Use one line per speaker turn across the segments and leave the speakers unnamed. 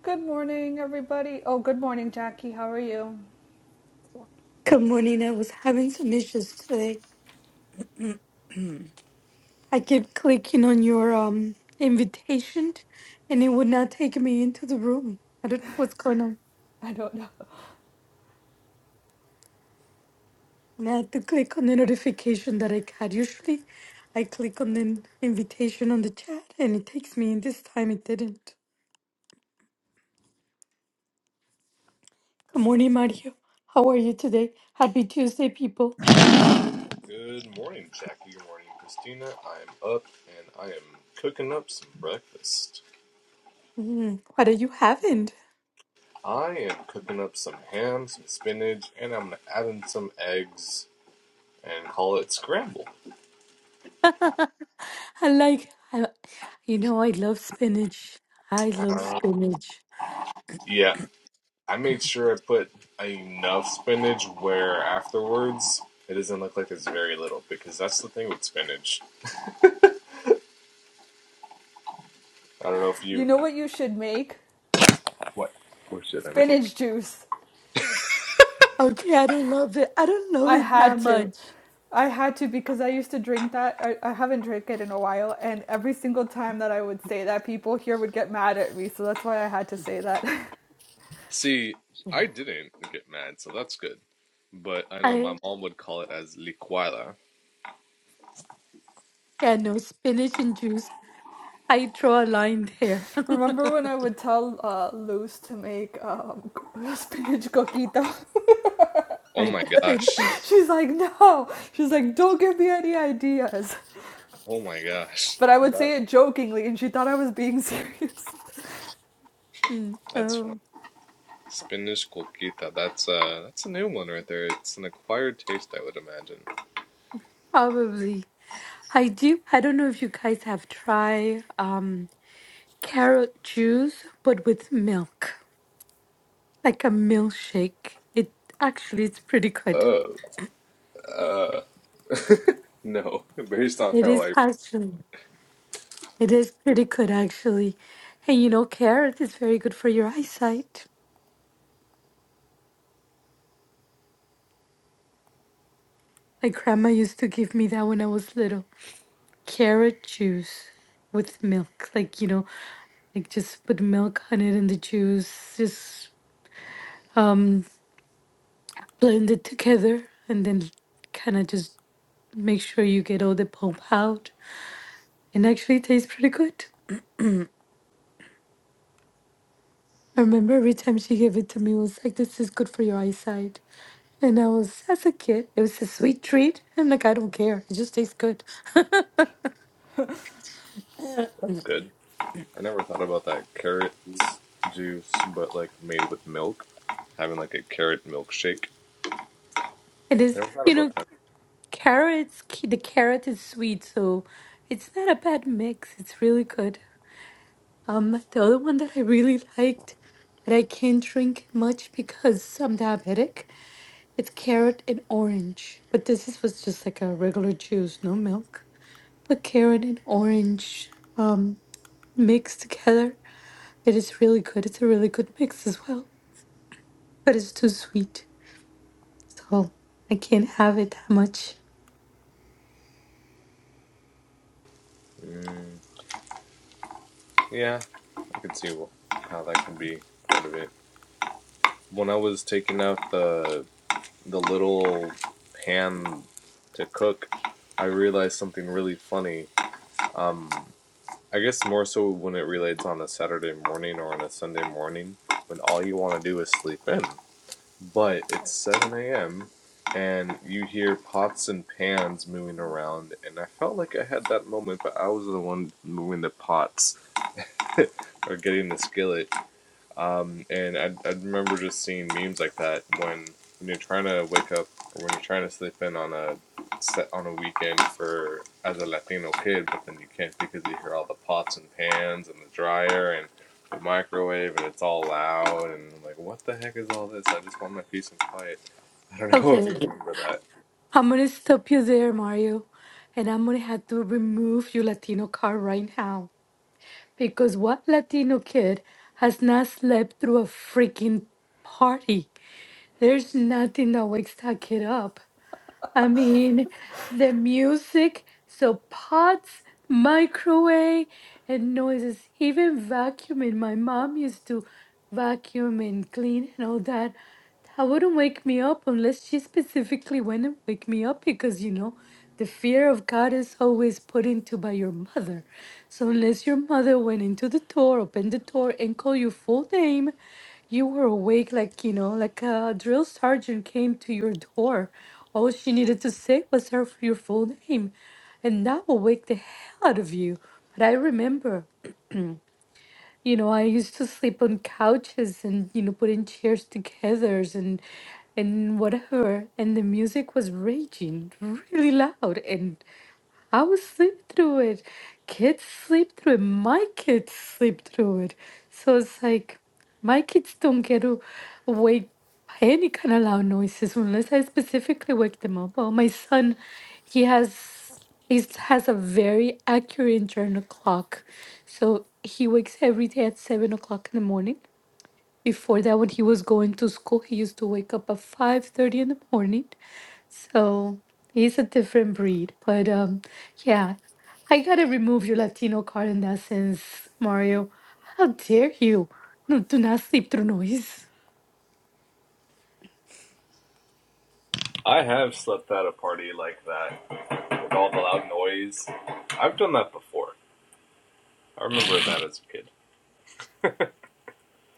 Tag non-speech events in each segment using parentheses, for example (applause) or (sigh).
Good morning, everybody. Oh, good morning, Jackie. How are you?
Good morning. I was having some issues today. I kept clicking on your um invitation and it would not take me into the room. I don't know what's going on.
I don't know.
And I had to click on the notification that I got. Usually I click on the invitation on the chat and it takes me in. This time it didn't. Good morning, Mario. How are you today? Happy Tuesday, people.
Good morning, Jackie. Good morning, Christina. I am up and I am cooking up some breakfast.
Mm, what are you having?
I am cooking up some ham, some spinach, and I'm gonna add in some eggs and call it scramble.
(laughs) I like, I, you know, I love spinach. I love
Uh,
spinach.
yeah, I made sure I put enough spinach where afterwards it doesn't look like there's very little because that's the thing with spinach. I don't know if
You
you
know what you should make?
what what should I make?
Spinach juice.
Okay, I don't love it. I don't love
I
it
had
that
to.
much.
I had to because I used to drink that. I, I haven't drank it in a while, and every single time that I would say that, people here would get mad at me. So that's why I had to say that.
See, I
Yeah,
didn't get mad, so that's good. But I know my
I
mom would call it as liquila.
yeah, no spinach and juice. I draw a line there.
(laughs) Remember when I
(laughs)
would tell uh, Luz to make um, spinach coquito? (laughs)
Oh
I
my gosh.
She's like, no. She's like, don't give me any ideas.
Oh my gosh.
But I would
That
say it jokingly, and she thought I was being serious. (laughs)
Mm,
That's fun.
oh,
Spinach colquita. That's uh that's a new one right there. It's an acquired taste, I would imagine.
probably. I do. I don't know if you guys have tried um carrot juice, but with milk, like a milkshake. It actually it's pretty good.
Oh, uh, no. (laughs) Based on
It
how
is
like
actually. It is pretty good actually. And you know, carrot is very good for your eyesight. My grandma used to give me that when I was little. Carrot juice with milk. Like, you know, like just put milk on it and the juice, just um blend it together and then kind of just make sure you get all the pulp out. And actually it tastes pretty good. I remember every time she gave it to me, it was like, this is good for your eyesight. And I was, as a kid, it was a sweet treat. I'm like, I don't care. It just tastes good. (laughs)
that's
it
good. I never thought about that carrot juice, but like made with milk, having like a carrot milkshake. I
is,
never thought
you
about
know,
that.
Carrots, ki- the carrot is sweet, so it's not a bad mix. It's really good. Um, the other one that I really liked, but I can't drink much because I'm diabetic, it's carrot and orange. But this is, was just like a regular juice, no milk. But carrot and orange, um, mixed together, it is really good. It's a really good mix as well, but it's too sweet, so I can't have it that much.
Mm, yeah, I can see wh- how that could be part of it. When I was taking out the the little pan to cook, I realized something really funny. Um, I guess more so when it relates on a Saturday morning or on a Sunday morning when all you want to do is sleep in. But it's 7 a.m. and you hear pots and pans moving around, and I felt like I had that moment, but I was the one moving the pots or getting the skillet. And I, I remember just seeing memes like that when, when you're trying to wake up or when you're trying to sleep in on a set on a weekend for as a Latino kid, but then you can't because you hear all the pots and pans and the dryer and the microwave and it's all loud and I'm like, what the heck is all this? I just want my peace and quiet. (laughs) I don't know if
Okay.
you remember that.
I'm gonna stop you there, Mario. And I'm gonna have to remove your Latino card right now. Because what Latino kid has not slept through a freaking party? There's nothing that wakes that kid up. I mean, the music, so pots, microwave, and noises, even vacuuming. My mom used to vacuum and clean and all that. I wouldn't wake me up unless she specifically went and wake me up because you know the fear of God is always put into by your mother. So unless your mother went into the door, opened the door and called your full name, you were awake like you know, like a drill sergeant came to your door. All she needed to say was her your full name. And that will wake the hell out of you. But I remember. You know, I used to sleep on couches and, you know, put in chairs together and and whatever. And the music was raging really loud. And I would sleep through it. Kids sleep through it. My kids sleep through it. So it's like my kids don't get to wake by any kind of loud noises unless I specifically wake them up. Well, my son, he has he has a very accurate internal clock. So he wakes every day at seven o'clock in the morning. Before that, when he was going to school, he used to wake up at five thirty in the morning so he's a different breed. But um, yeah, I gotta remove your Latino card in that sense, Mario. How dare you? No, do not sleep through noise.
I have slept at a party like that with all the loud noise. I've done that before. I remember that as a kid.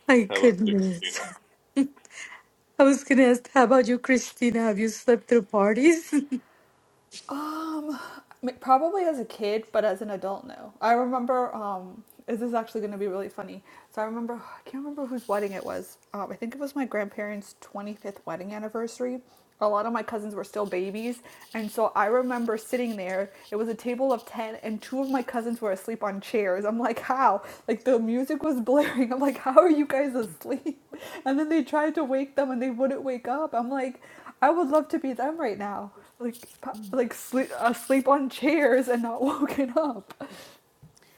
My
How about you,
goodness.
Christina?
(laughs) I was gonna ask, how about you, Christina? Have you slept through parties?
Um, probably as a kid, but as an adult, no. I remember. Um, this is actually going to be really funny. So I remember. I can't remember whose wedding it was. Um, I think it was my grandparents' twenty fifth wedding anniversary. A lot of my cousins were still babies, and so I remember sitting there. It was a table of ten, and two of my cousins were asleep on chairs. I'm like, how? Like the music was (laughs) blaring. I'm like, how are you guys asleep? (laughs) And then they tried to wake them, and they wouldn't wake up. I'm like, I would love to be them right now like like sleep asleep on chairs and not (laughs) woken up.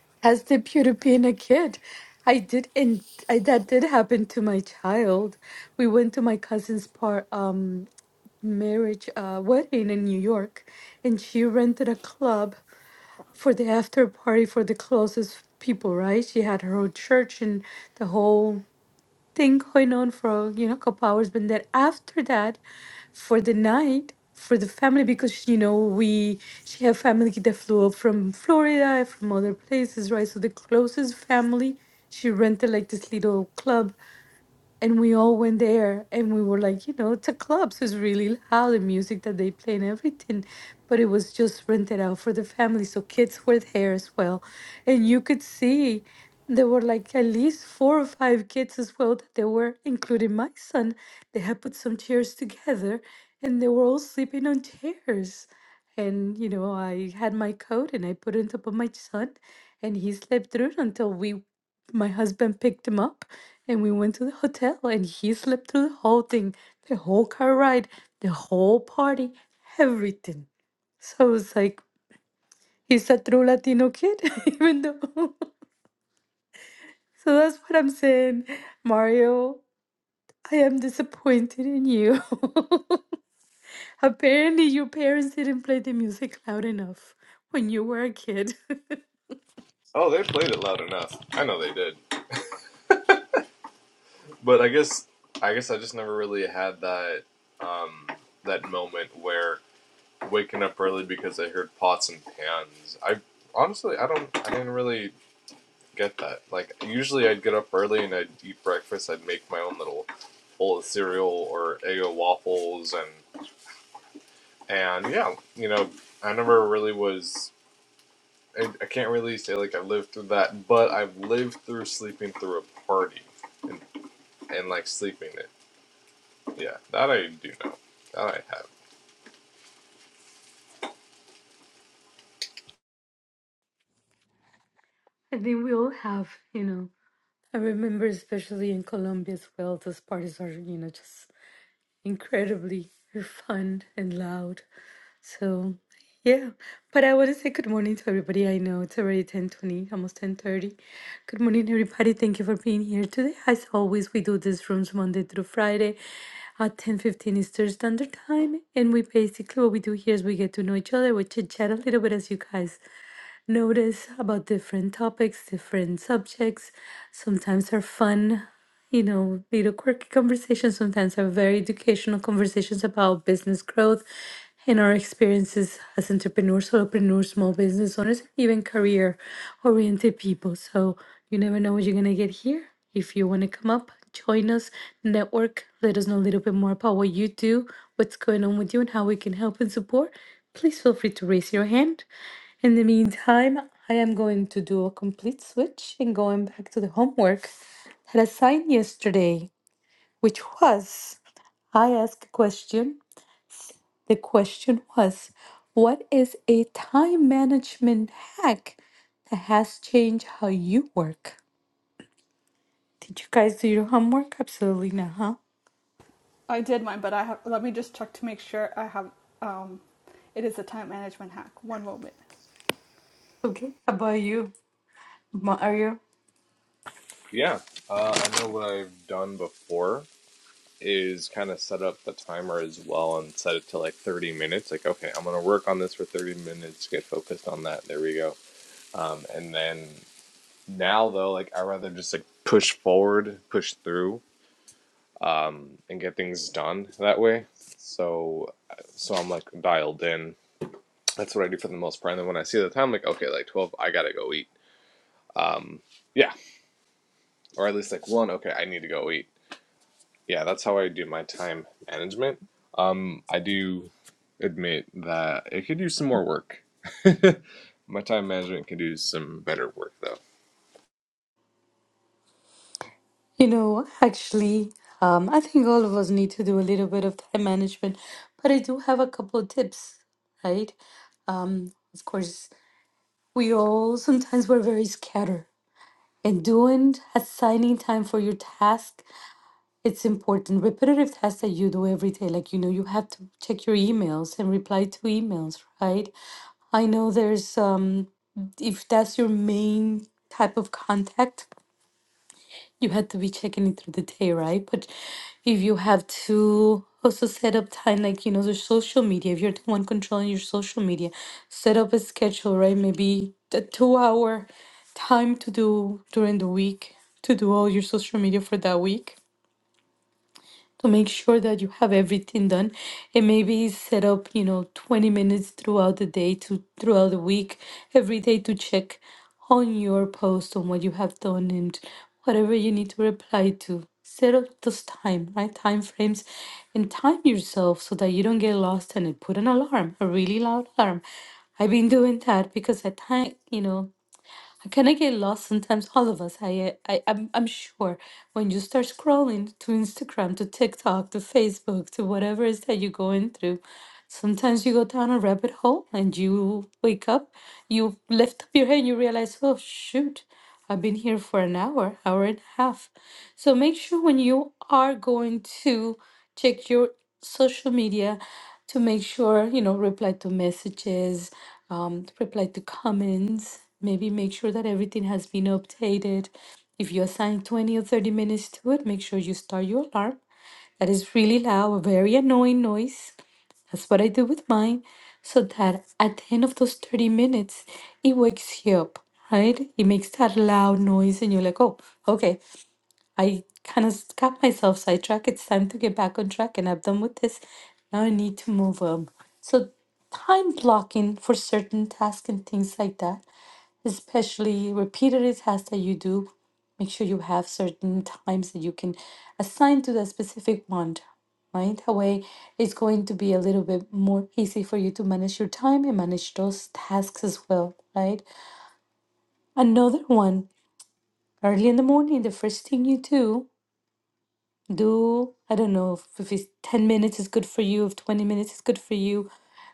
(laughs) As the beauty of being a kid. I did, and I, that did happen to my child. We went to my cousin's part, um, marriage uh, wedding in New York, and she rented a club for the after party for the closest people, right? She had her own church and the whole thing going on for you know a couple hours. But then after that, for the night, for the family, because you know we she had family that flew up from Florida, from other places, right? So the closest family, she rented like this little club and we all went there and we were like you know the clubs is really loud the music that they play and everything but it was just rented out for the family so kids were there as well and you could see there were like at least four or five kids as well that they were including my son they had put some chairs together and they were all sleeping on chairs and you know i had my coat and i put it on top of my son and he slept through it until we my husband picked him up and we went to the hotel and he slept through the whole thing, the whole car ride, the whole party, everything. So it was like, he's a true Latino kid, (laughs) even though. So that's what I'm saying. Mario, I am disappointed in you. (laughs) Apparently, your parents didn't play the music loud enough when you were a kid. (laughs)
Oh, they played it loud enough. I know they did, but I guess I guess I just never really had that um, that moment where waking up early because I heard pots and pans. I honestly I don't I didn't really get that. Like usually I'd get up early and I'd eat breakfast. I'd make my own little bowl of cereal or Eggo waffles and and yeah, you know I never really was. I, I can't really say like I lived through that, but I've lived through sleeping through a party and like sleeping it. Yeah, that I do know. That I have.
I think we all have, you know. I remember, especially in Colombia as well, those parties are, you know, just incredibly fun and loud. So yeah, but I want to say good morning to everybody. I know it's already 10:20, almost 10:30. Good morning, everybody. Thank you for being here today. As always, we do these rooms Monday through Friday at 10:15 Eastern Standard Time, and we basically what we do here is we get to know each other, we chit chat a little bit as you guys notice about different topics, different subjects. Sometimes are fun, you know, little quirky conversations sometimes are very educational conversations about business growth and our experiences as entrepreneurs, solopreneurs, small business owners, even career oriented people. So you never know what you're gonna get here. If you wanna come up, join us, network, let us know a little bit more about what you do, what's going on with you and how we can help and support, please feel free to raise your hand. In the meantime, I am going to do a complete switch and going back to the homework that I assigned yesterday, which was I asked a question. The question was, What is a time management hack that has changed how you work? Did you guys do your homework? Absolutely not, huh?
I did mine, but I have, let me just check to make sure I have. Um, it is a time management hack. One moment.
Okay, how about you, Mario?
Yeah, uh, I know what I've done before is kind of set up the timer as well and set it to like 30 minutes. Like, okay, I'm gonna work on this for 30 minutes, get focused on that. There we go. Um, and then now though, like I rather just like push forward, push through, um, and get things done that way. So, so I'm like dialed in. That's what I do for the most part. And then when I see the time, like okay, like 12, I gotta go eat. Um, yeah, or at least like one. Okay, I need to go eat. Yeah, that's how I do my time management. Um, I do admit that it could do some more work. (laughs) my time management can do some better work though.
You know, actually, um, I think all of us need to do a little bit of time management, but I do have a couple of tips, right? Um, of course, we all sometimes we're very scattered. And doing assigning time for your task, it's important. Repetitive tasks that you do every day, like you know, you have to check your emails and reply to emails, right? I know there's um if that's your main type of contact you had to be checking it through the day, right? But if you have to also set up time, like, you know, the social media, if you're the one controlling your social media, set up a schedule, right? Maybe a two hour time to do during the week to do all your social media for that week to make sure that you have everything done and maybe set up you know 20 minutes throughout the day to throughout the week every day to check on your post on what you have done and whatever you need to reply to set up those time right time frames and time yourself so that you don't get lost in it put an alarm a really loud alarm i've been doing that because I time you know can I kind of get lost sometimes. All of us, I, uh, I, I'm, I'm sure when you start scrolling to Instagram, to TikTok, to Facebook, to whatever it is that you're going through, sometimes you go down a rabbit hole and you wake up, you lift up your head, and you realize, oh shoot. I've been here for an hour, hour and a half. So make sure when you are going to check your social media to make sure, you know, reply to messages, um, reply to comments, maybe make sure that everything has been updated. If you assign 20 or 30 minutes to it, make sure you start your alarm. That is really loud, a very annoying noise. That's what I do with mine, so that at the end of those 30 minutes, it wakes you up, right? It makes that loud noise, and you're like, oh, okay, I kind of got myself sidetracked. It's time to get back on track, and I'm done with this. Now I need to move on. So, time blocking for certain tasks and things like that especially repeated tasks that you do. Make sure you have certain times that you can assign to that specific one, right? That way, it's going to be a little bit more easy for you to manage your time and manage those tasks as well, right? Another one, early in the morning, the first thing you do, do, I don't know if if it's 10 minutes is good for you, if 20 minutes is good for you,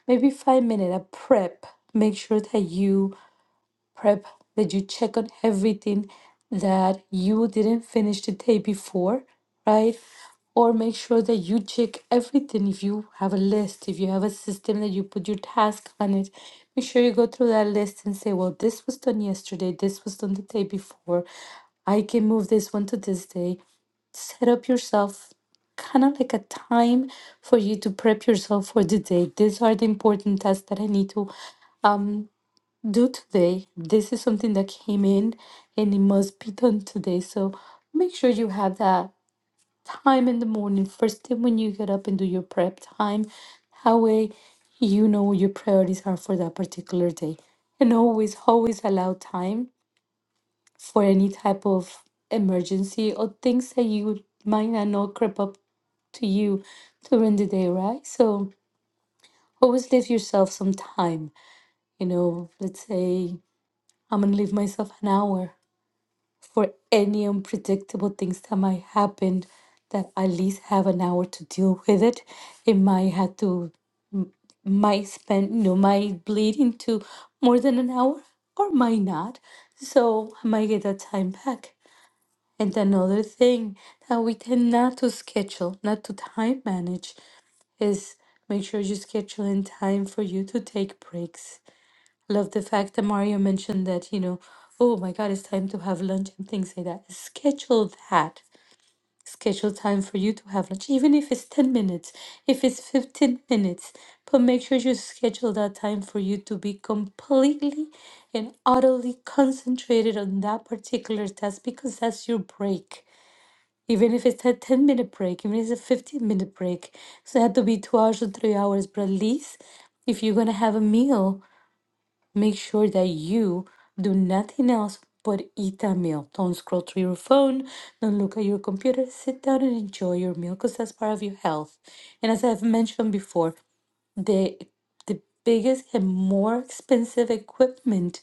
maybe five minutes, a prep. Make sure that you prep that you check on everything that you didn't finish the day before, right? Or make sure that you check everything. If you have a list, if you have a system that you put your task on it, make sure you go through that list and say, well, this was done yesterday, this was done the day before. I can move this one to this day. Set up yourself kind of like a time for you to prep yourself for the day. These are the important tasks that I need to um do today. This is something that came in and it must be done today. So make sure you have that time in the morning, first thing when you get up and do your prep time. That way, you know what your priorities are for that particular day. And always, always allow time for any type of emergency or things that you might not know crop up to you during the day, right? So always leave yourself some time. You know, let's say I'm gonna leave myself an hour for any unpredictable things that might happen that at least have an hour to deal with it it might have to might spend you know might bleed into more than an hour or might not so i might get that time back and another thing that we tend not to schedule not to time manage is make sure you schedule in time for you to take breaks Love the fact that Mario mentioned that, you know, oh my God, it's time to have lunch and things like that. Schedule that. Schedule time for you to have lunch, even if it's 10 minutes, if it's 15 minutes. But make sure you schedule that time for you to be completely and utterly concentrated on that particular task because that's your break even if it's a 10 minute break, even if it's a 15 minute break. So it had to be two hours or three hours, but at least if you're going to have a meal, Make sure that you do nothing else but eat that meal. Don't scroll through your phone. Don't look at your computer. Sit down and enjoy your meal because that's part of your health. And as I've mentioned before, the the biggest and more expensive equipment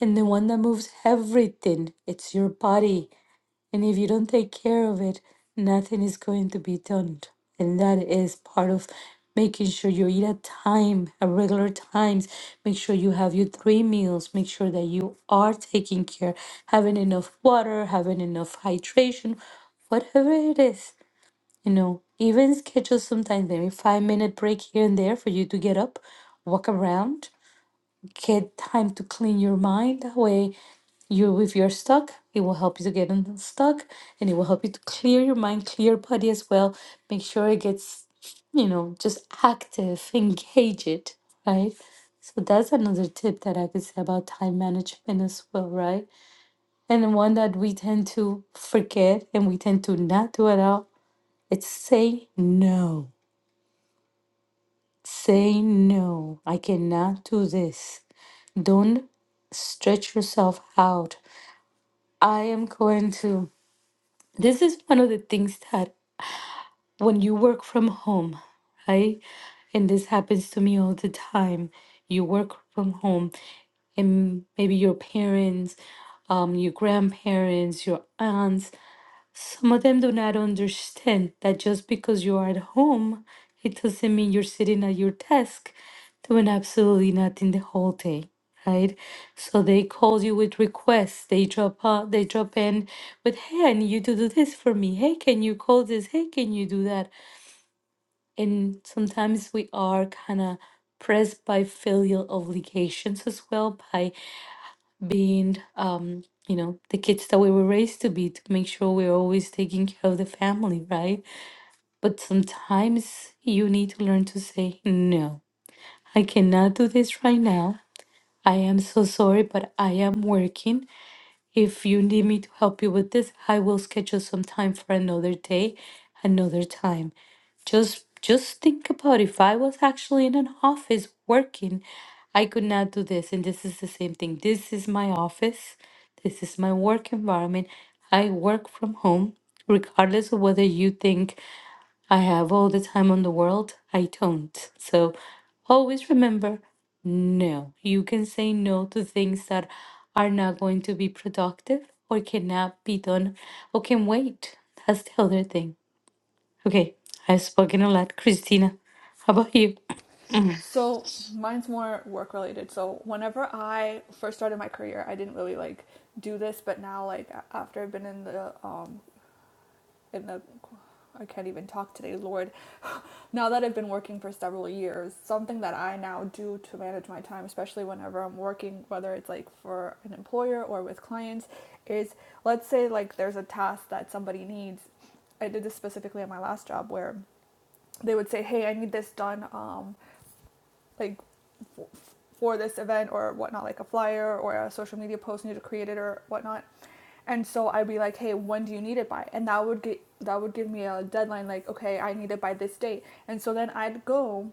and the one that moves everything, it's your body. And if you don't take care of it, nothing is going to be done. And that is part of making sure you eat at time, at regular times. Make sure you have your three meals. Make sure that you are taking care, having enough water, having enough hydration, whatever it is. You know, even schedule sometimes maybe five minute break here and there for you to get up, walk around, get time to clean your mind. That way, you if you're stuck, it will help you to get unstuck, and it will help you to clear your mind, clear your body as well. Make sure it gets, you know, just active, (laughs) engage it, right? So that's another tip that I could say about time management as well, right? And the one that we tend to forget and we tend to not do at all, it's say no. Say no. I cannot do this. Don't stretch yourself out. I am going to. This is one of the things that when you work from home, right? And this happens to me all the time. You work from home, and maybe your parents, um, your grandparents, your aunts, some of them do not understand that just because you are at home, it doesn't mean you're sitting at your desk doing absolutely nothing the whole day, right? So they call you with requests. They drop out, they drop in with, hey, I need you to do this for me. Hey, can you call this? Hey, can you do that? And sometimes we are kind of pressed by filial obligations as well, by being um you know the kids that we were raised to be to make sure we're always taking care of the family right but sometimes you need to learn to say no i cannot do this right now i am so sorry but i am working if you need me to help you with this, I will schedule some time for another day, another time. Just just think about if I was actually in an office working, I could not do this. And this is the same thing. This is my office. This is my work environment. I work from home, regardless of whether you think I have all the time on the world. I don't. So always remember no. You can say no to things that are not going to be productive or cannot be done or can wait. That's the other thing. Okay, I've spoken a lot. Christina, how about you? (clears throat)
So mine's more work related. So whenever I first started my career, I didn't really like do this, but now like after I've been in the um, in the I can't even talk today, Lord. (laughs) Now that I've been working for several years, something that I now do to manage my time, especially whenever I'm working, whether it's like for an employer or with clients, is let's say like there's a task that somebody needs. I did this specifically at my last job where they would say, "Hey, I need this done um like for this event or whatnot, like a flyer or a social media post needed created or whatnot. And so I'd be like, hey, when do you need it by? And that would get that would give me a deadline, like, okay, I need it by this date. And so then I'd go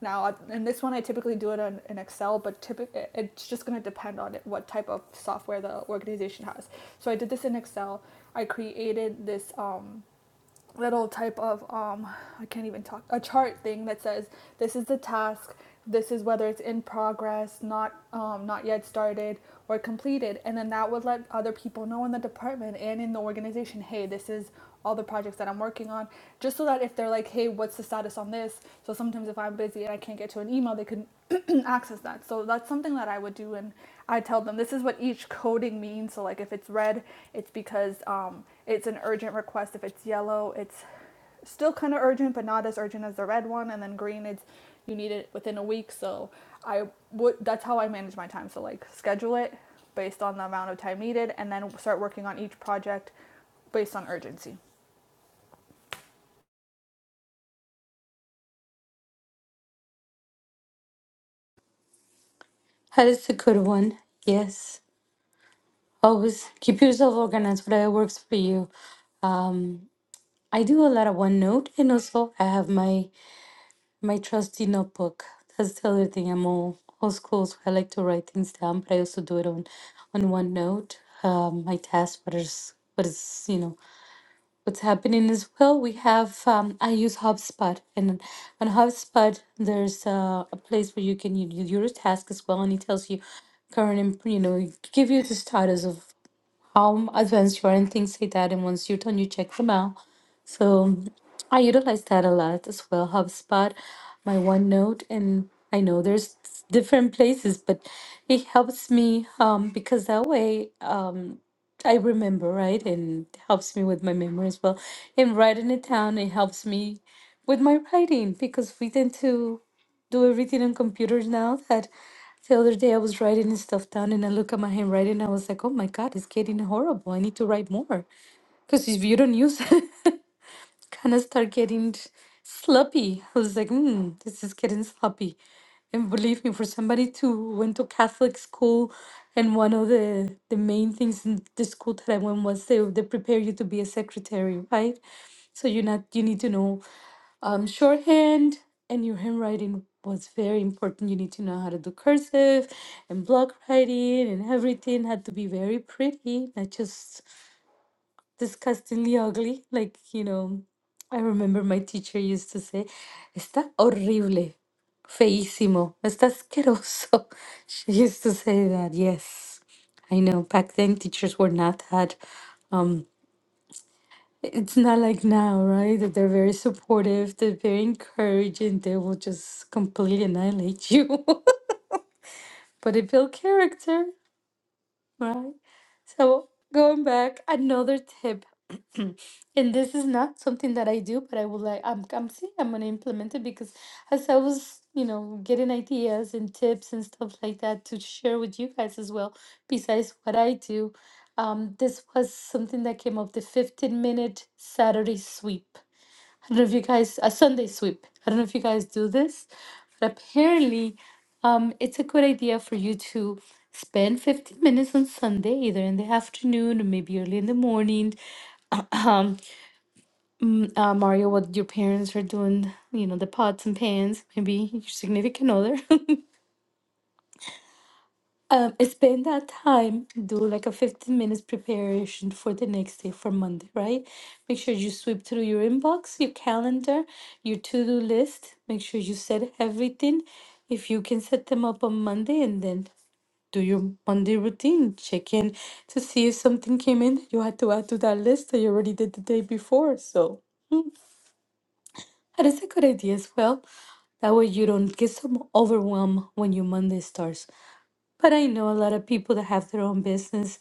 now, and this one I typically do it on, in Excel, but typically it's just going to depend on it, what type of software the organization has. So I did this in Excel. I created this um, little type of um I can't even talk a chart thing that says this is the task, this is whether it's in progress, not um not yet started or completed, and then that would let other people know in the department and in the organization, hey, this is all the projects that I'm working on, just so that if they're like, hey, what's the status on this? So sometimes if I'm busy and I can't get to an email, they can (clears throat) access that. So that's something that I would do, and I tell them this is what each coding means. So like if it's red, it's because um, it's an urgent request if it's yellow. It's still kind of urgent, but not as urgent as the red one. And then green, it's you need it within a week. So I would that's how I manage my time. So like schedule it based on the amount of time needed, and then start working on each project based on urgency.
That is a good one. Yes. Always keep yourself organized, whatever works for you. Um, I do a lot of OneNote and also I have my My trusty notebook. That's the other thing. I'm all old school, so I like to write things down, but I also do it on on OneNote. Um, my task, what is what is you know what's happening as well. We have um, I use HubSpot, and on HubSpot there's uh, a place where you can you, you do your task as well, and it tells you current and you know give you the status of how advanced you are and things like that. And once you're done, you check them out so I utilize that a lot as well. HubSpot, my OneNote, and I know there's different places, but it helps me um, because that way um, I remember, right? And helps me with my memory as well. And writing it down, it helps me with my writing because we tend to do everything on computers now that the other day I was writing and stuff down and I look at my handwriting and I was like, oh my God, it's getting horrible. I need to write more. Because if you don't use (laughs) kind of start getting sloppy. I was like, hmm, this is getting sloppy. And believe me, for somebody to went to Catholic school, and one of the the main things in the school that I went was they they prepare you to be a secretary, right? So you're not you need to know um, shorthand, and your handwriting was very important. You need to know how to do cursive and block writing and everything had to be very pretty, not just disgustingly ugly. Like, you know, I remember my teacher used to say, está horrible, feísimo, está asqueroso. (laughs) She used to say that, yes. I know back then teachers were not that um it's not like now, right? That they're very supportive, they're very encouraging, they will just completely annihilate you. (laughs) but it built character. right? So going back, another tip, (clears throat) and this is not something that I do, but I would like I'm I'm seeing I'm gonna implement it because as I was, you know, getting ideas and tips and stuff like that to share with you guys as well, besides what I do, um, this was something that came up, the 15 minute Saturday sweep. I don't know if you guys a Sunday sweep. I don't know if you guys do this, but apparently, um, it's a good idea for you to spend 15 minutes on Sunday, either in the afternoon or maybe early in the morning. Um, uh, Mario, what your parents are doing, you know, the pots and pans, maybe your significant other. Um, spend that time, do like a 15 minutes preparation for the next day for Monday, right? Make sure you sweep through your inbox, your calendar, your to do list. Make sure you set everything. If you can set them up on Monday and then do your Monday routine, check in to see if something came in that you had to add to that list that you already did the day before. So that is a good idea as well. That way you don't get so overwhelmed when your Monday starts. But I know a lot of people that have their own business.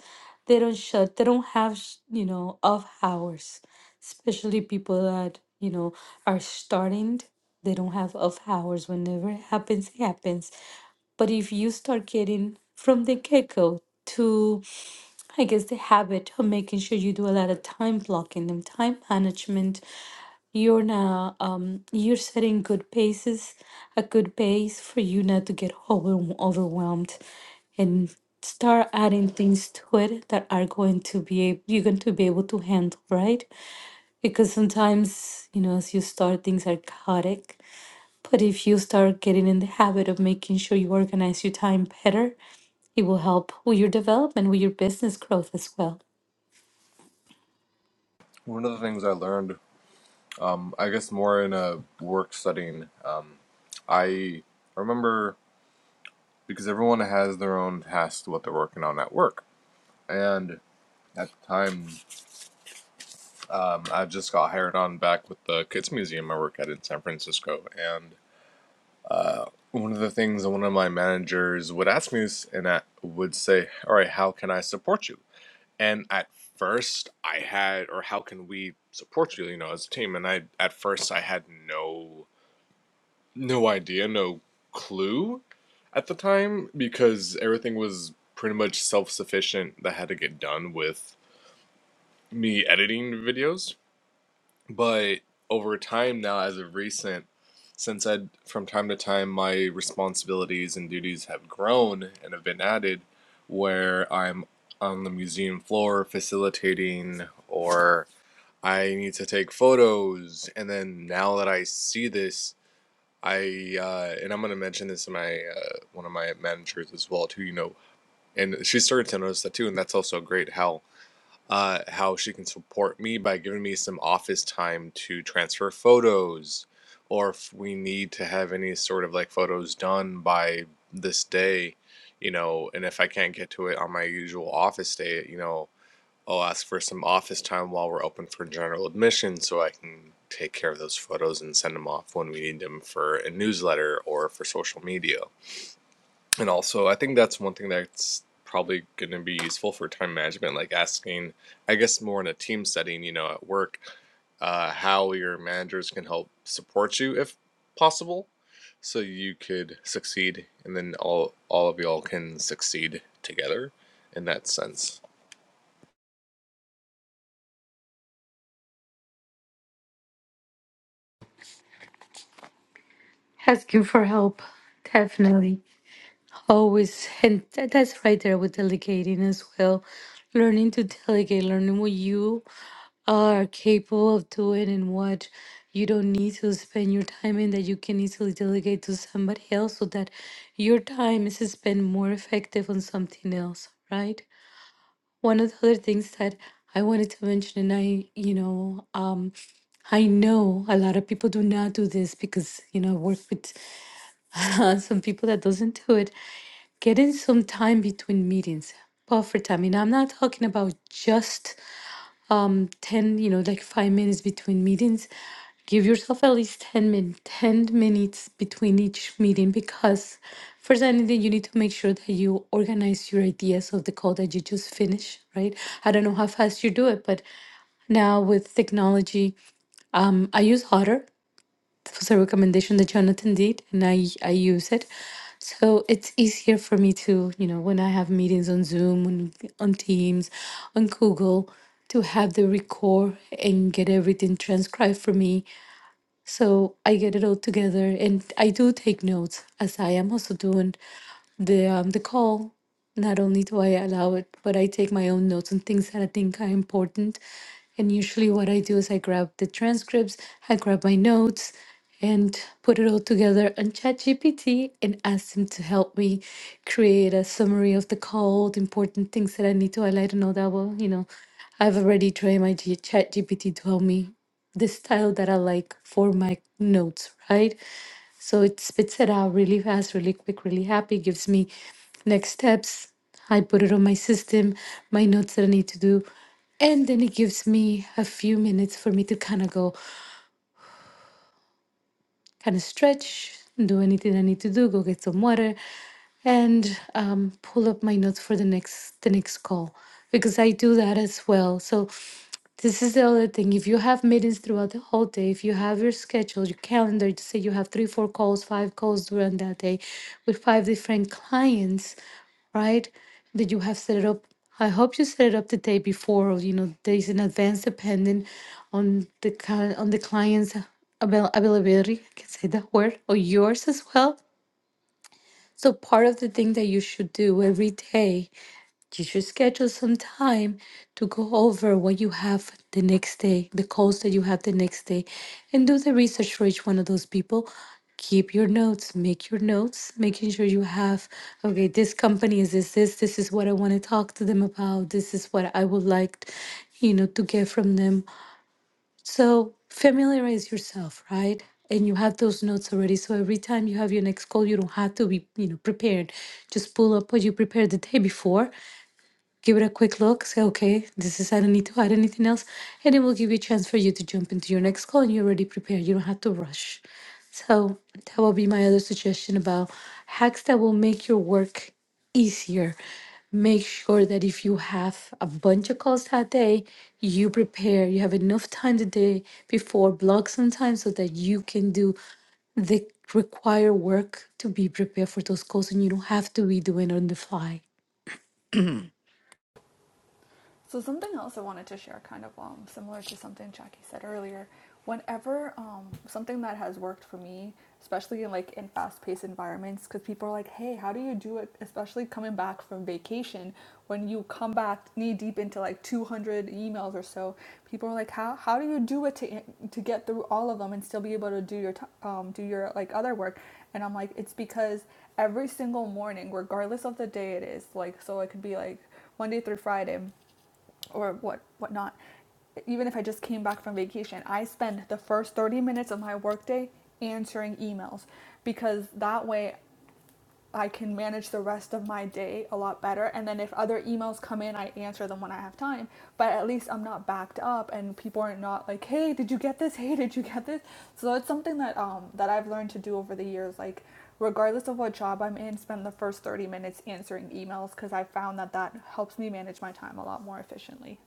They don't shut, they don't have, sh- you know, off hours, especially people that, you know, are starting. They don't have off hours. Whenever it happens, it happens. But if you start getting from the get go to, I guess, the habit of making sure you do a lot of time blocking and time management, you're now um, you're setting good paces, a good pace for you not to get over, overwhelmed, and start adding things to it that are going to be ab- you're going to be able to handle, right? Because sometimes you know, as you start, things are chaotic. But if you start getting in the habit of making sure you organize your time better, it will help with your development, with your business growth as well.
One of the things I learned, um, I guess more in a work setting, um, I remember because everyone has their own task to what they're working on at work. And at the time, um, I just got hired on back with the Kids Museum I work at in San Francisco. And uh, one of the things one of my managers would ask me is, and I would say, "All right, how can I support you?" And at first, I had, or how can we support you? You know, as a team. And I, at first, I had no, no idea, no clue, at the time because everything was pretty much self-sufficient that had to get done with me editing videos but over time now, as of recent, since I from time to time my responsibilities and duties have grown and have been added, where I'm on the museum floor facilitating or I need to take photos, and then now that I see this, I uh, and I'm gonna mention this to my uh, one of my managers as well too. You know, and she started to notice that too, and that's also great. How uh, how she can support me by giving me some office time to transfer photos, or if we need to have any sort of like photos done by this day, you know, and if I can't get to it on my usual office day, you know, I'll ask for some office time while we're open for general admission so I can take care of those photos and send them off when we need them for a newsletter or for social media. And also, I think that's one thing that's probably going to be useful for time management, like asking, I guess, more in a team setting, you know, at work, uh, how your managers can help support you if possible, so you could succeed, and then all all of y'all can succeed together in that sense.
Asking for help, definitely. Always, and that, that's right there with delegating as well. Learning to delegate, learning what you are capable of doing and what you don't need to spend your time in that you can easily delegate to somebody else so that your time is spent more effective on something else, right? One of the other things that I wanted to mention, and I, you know, um, I know a lot of people do not do this because, you know, I work with (laughs) some people that doesn't do it getting some time between meetings buffer time you know i'm not talking about just um 10 you know like five minutes between meetings give yourself at least 10 min 10 minutes between each meeting because first anything you need to make sure that you organize your ideas of the call that you just finished right i don't know how fast you do it but now with technology um, i use otter it was a recommendation that Jonathan did, and I I use it. So it's easier for me to, you know, when I have meetings on Zoom, on, on Teams, on Google, to have the record and get everything transcribed for me so I get it all together, and I do take notes as I am also doing the um, the call. Not only do I allow it, but I take my own notes on things that I think are important. And usually, what I do is I grab the transcripts, I grab my notes, and put it all together on ChatGPT and ask them to help me create a summary of the call, the important things that I need to highlight, and all that. Well, you know, I've already trained my G- ChatGPT to help me the style that I like for my notes, right? So it spits it out really fast, really quick, really happy, gives me next steps. I put it on my system, my notes that I need to do. And then it gives me a few minutes for me to kind of go, kind of stretch, do anything I need to do, go get some water, and um, pull up my notes for the next the next call because I do that as well. So this is the other thing. If you have meetings throughout the whole day, if you have your schedule, your calendar, to say you have three, four calls, five calls during that day with five different clients, right? that you have set it up. I hope you set it up the day before, or you know, days in advance, depending on the kind on the client's avail- availability. I can say that word or yours as well. So part of the thing that you should do every day you should schedule some time to go over what you have the next day, the calls that you have the next day, and do the research for each one of those people. Keep your notes, make your notes, making sure you have, okay, this company is this, this, this is what I want to talk to them about, this is what I would like, you know, to get from them. So familiarize yourself, right? And you have those notes already. So every time you have your next call, you don't have to be, you know, prepared. Just pull up what you prepared the day before give it a quick look, say, okay, this is, I don't need to add anything else. And it will give you a chance for you to jump into your next call and you're already prepared. You don't have to rush. So that will be my other suggestion about hacks that will make your work easier. Make sure that if you have a bunch of calls that day, you prepare. You have enough time the day before, block some time so that you can do the required work to be prepared for those calls and you don't have to be doing on the fly.
So something else I wanted to share, kind of um, similar to something Jackie said earlier. Whenever um, something that has worked for me, especially in like in fast-paced environments, because people are like, "Hey, how do you do it?" Especially coming back from vacation, when you come back knee-deep into like 200 emails or so, people are like, "How how do you do it to to get through all of them and still be able to do your um, do your like other work?" And I'm like, "It's because every single morning, regardless of the day it is, like so it could be like Monday through Friday." or what whatnot. Even if I just came back from vacation, I spend the first 30 minutes of my workday answering emails because that way I can manage the rest of my day a lot better. And then if other emails come in, I answer them when I have time. But at least I'm not backed up, and people are not like, "Hey, did you get this? Hey, did you get this?" So it's something that um that I've learned to do over the years. Like, regardless of what job I'm in, spend the first 30 minutes answering emails because I found that that helps me manage my time a lot more efficiently.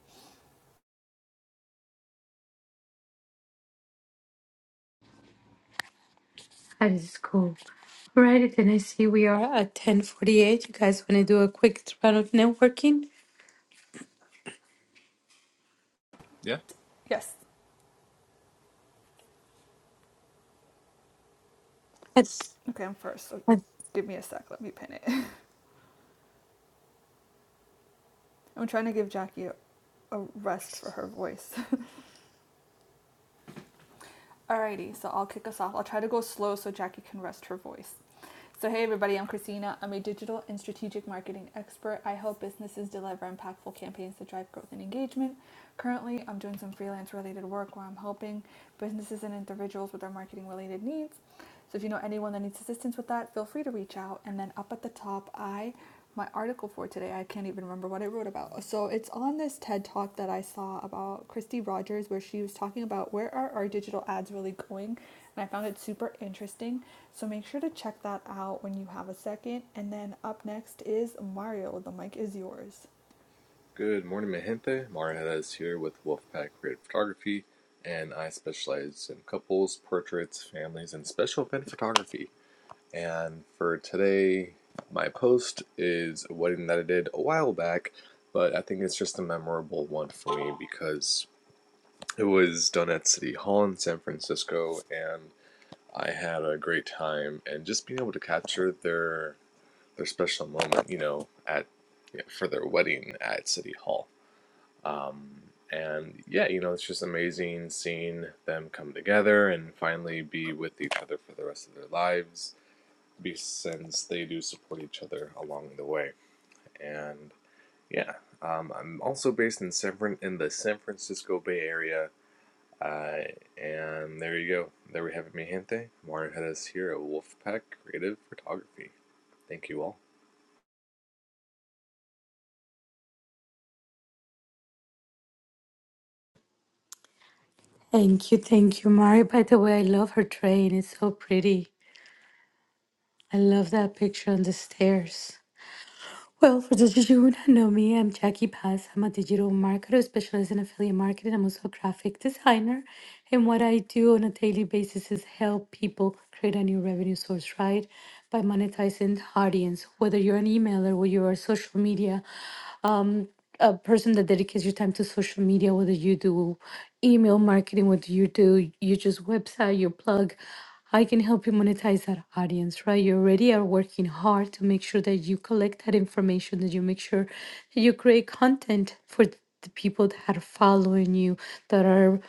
That is cool. Right, and I see we are at 10:48. You guys want to do a quick round of networking?
Yeah.
Yes.
Yes.
Okay, I'm first, so
Uh,
give me a sec. Let me pin it. (laughs) I'm trying to give Jackie a, a rest for her voice. (laughs) Alrighty, so I'll kick us off. I'll try to go slow so Jackie can rest her voice. So, hey everybody, I'm Christina. I'm a digital and strategic marketing expert. I help businesses deliver impactful campaigns to drive growth and engagement. Currently, I'm doing some freelance related work where I'm helping businesses and individuals with their marketing related needs. So if you know anyone that needs assistance with that, feel free to reach out. And then up at the top, I my article for today, I can't even remember what I wrote about. So it's on this TED talk that I saw about Christy Rogers where she was talking about where are our digital ads really going? And I found it super interesting. So make sure to check that out when you have a second. And then up next is Mario. The mic is yours.
Good morning, mi gente. Marinetta is here with Wolfpack Creative Photography, and I specialize in couples, portraits, families, and special event photography. And for today, my post is a wedding that I did a while back, but I think it's just a memorable one for me because it was done at City Hall in San Francisco, and I had a great time. And just being able to capture their their special moment, you know, at you know, for their wedding at City Hall. Um, and yeah, you know, it's just amazing seeing them come together and finally be with each other for the rest of their lives be- since they do support each other along the way. And yeah, um, I'm also based in San Fran- in the San Francisco Bay Area. Uh, and there you go. There we have it, mi gente. Mario Hedges here at Wolfpack Creative Photography. Thank you all.
Thank you, thank you, Mari. By the way, I love her train. It's so pretty. I love that picture on the stairs. Well, for those of you who don't know me, I'm Jackie Paz. I'm a digital marketer, specialized in affiliate marketing. I'm also a graphic designer. And what I do on a daily basis is help people create a new revenue source, right? By monetizing the audience, whether you're an emailer, whether you're social media, a person that dedicates your time to social media, whether you do email marketing, whether you do you just website, your plug, I can help you monetize that audience, right? You already are working hard to make sure that you collect that information, that you make sure that you create content for th- the people that are following you, that are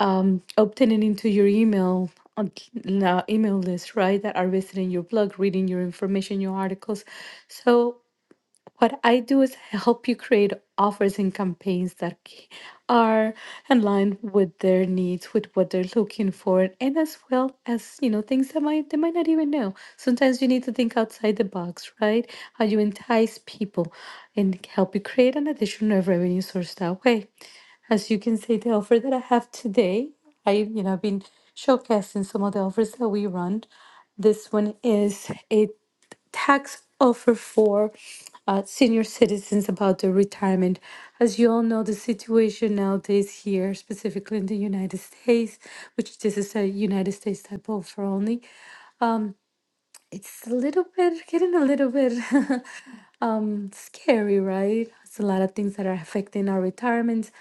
um, obtaining into your email on email list, right? That are visiting your blog, reading your information, your articles. So what I do is help you create offers and campaigns that c- are in line with their needs, with what they're looking for, and as well as you know things that might they might not even know. Sometimes you need to think outside the box, right? How you entice people and help you create an additional revenue source that way. As you can see, the offer that I have today, I you know I've been showcasing some of the offers that we run. This one is a tax offer for uh, senior citizens about their retirement. As you all know, the situation nowadays here, specifically in the United States, which this is a United States type offer only, it's a little bit getting a little bit. (laughs) Um, scary, right? It's a lot of things that are affecting our retirement.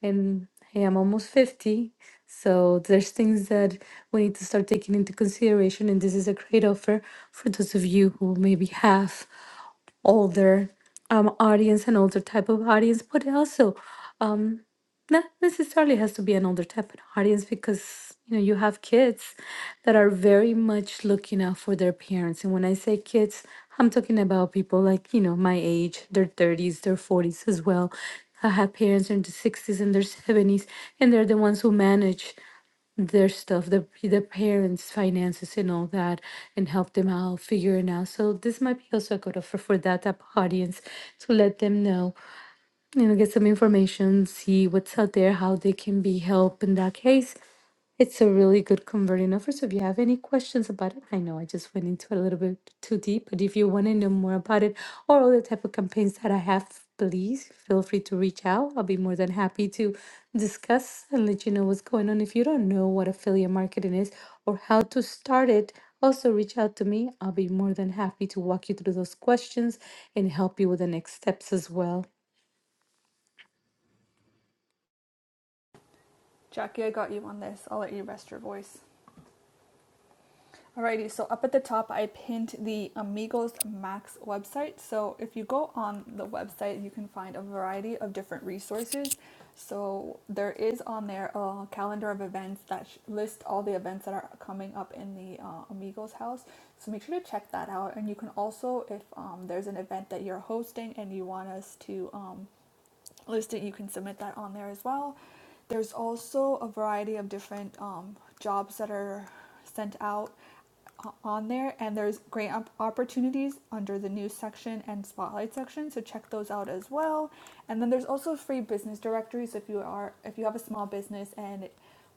And hey, I'm almost 50. So there's things that we need to start taking into consideration. And this is a great offer for those of you who maybe have older um audience and older type of audience, but also not necessarily has to be an older type of audience because you know you have kids that are very much looking out for their parents and when i say kids i'm talking about people like you know my age their 30s their 40s as well i have parents in their 60s and their 70s and they're the ones who manage their stuff the, the parents finances and all that and help them out figure it out so this might be also a good offer for that type of audience to let them know you know, get some information, see what's out there, how they can be helped in that case. It's a really good converting offer. So if you have any questions about it, I know I just went into it a little bit too deep, but if you want to know more about it or other type of campaigns that I have, please feel free to reach out. I'll be more than happy to discuss and let you know what's going on. If you don't know what affiliate marketing is or how to start it, also reach out to me. I'll be more than happy to walk you through those questions and help you with the next steps as well.
Jackie, I got you on this. I'll let you rest your voice. Alrighty, so up at the top, I pinned the Amigos Max website. So if you go on the website, you can find a variety of different resources. So there is on there a calendar of events that sh- list all the events that are coming up in the uh, Amigos house. So make sure to check that out. And you can also, if um, there's an event that you're hosting and you want us to, um, listed, you can submit that on there as well. There's also a variety of different um, jobs that are sent out o- on there, and there's grant op- opportunities under the news section and spotlight section. So check those out as well. And then there's also free business directories if you are if you have a small business and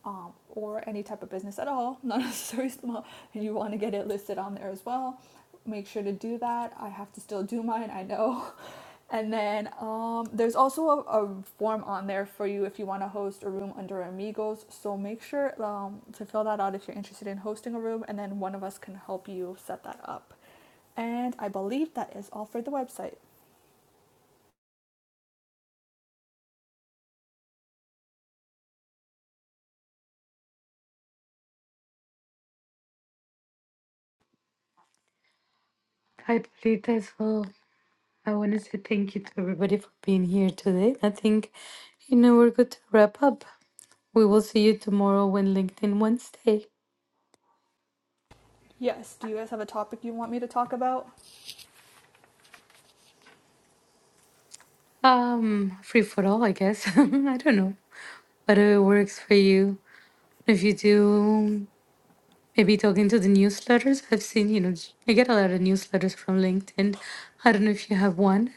um, or any type of business at all, (laughs) not necessarily small, and you want to get it listed on there as well, make sure to do that. I have to still do mine, I know. (laughs) And then um, there's also a, a form on there for you if you want to host a room under Amigos. So make sure um, to fill that out if you're interested in hosting a room, and then one of us can help you set that up. And I believe that is all for the website.
Hi, Polita, as well. I want to say thank you to everybody for being here today. I think, you know, we're good to wrap up. We will see you tomorrow when LinkedIn Wednesday.
Yes, do you guys have a topic you want me to talk about?
Um, free for all, I guess. (laughs) I don't know. Whatever works for you. If you do, maybe talking to the newsletters. I've seen, you know, j- I get a lot of newsletters from LinkedIn. I don't know if you have one.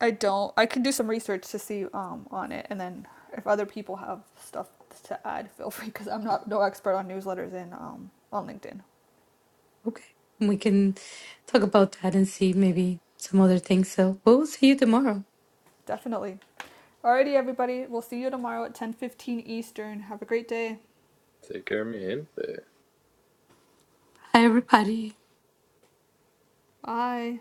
I don't. I can do some research to see um, on it, and then if other people have stuff to add, feel free because I'm not no expert on newsletters and um, on LinkedIn.
Okay. We can talk about that and see maybe some other things. So we'll see you tomorrow.
Definitely. Alrighty, everybody. We'll see you tomorrow at 10:15 Eastern. Have a great day.
Take care, mi gente.
Hi, everybody.
Bye.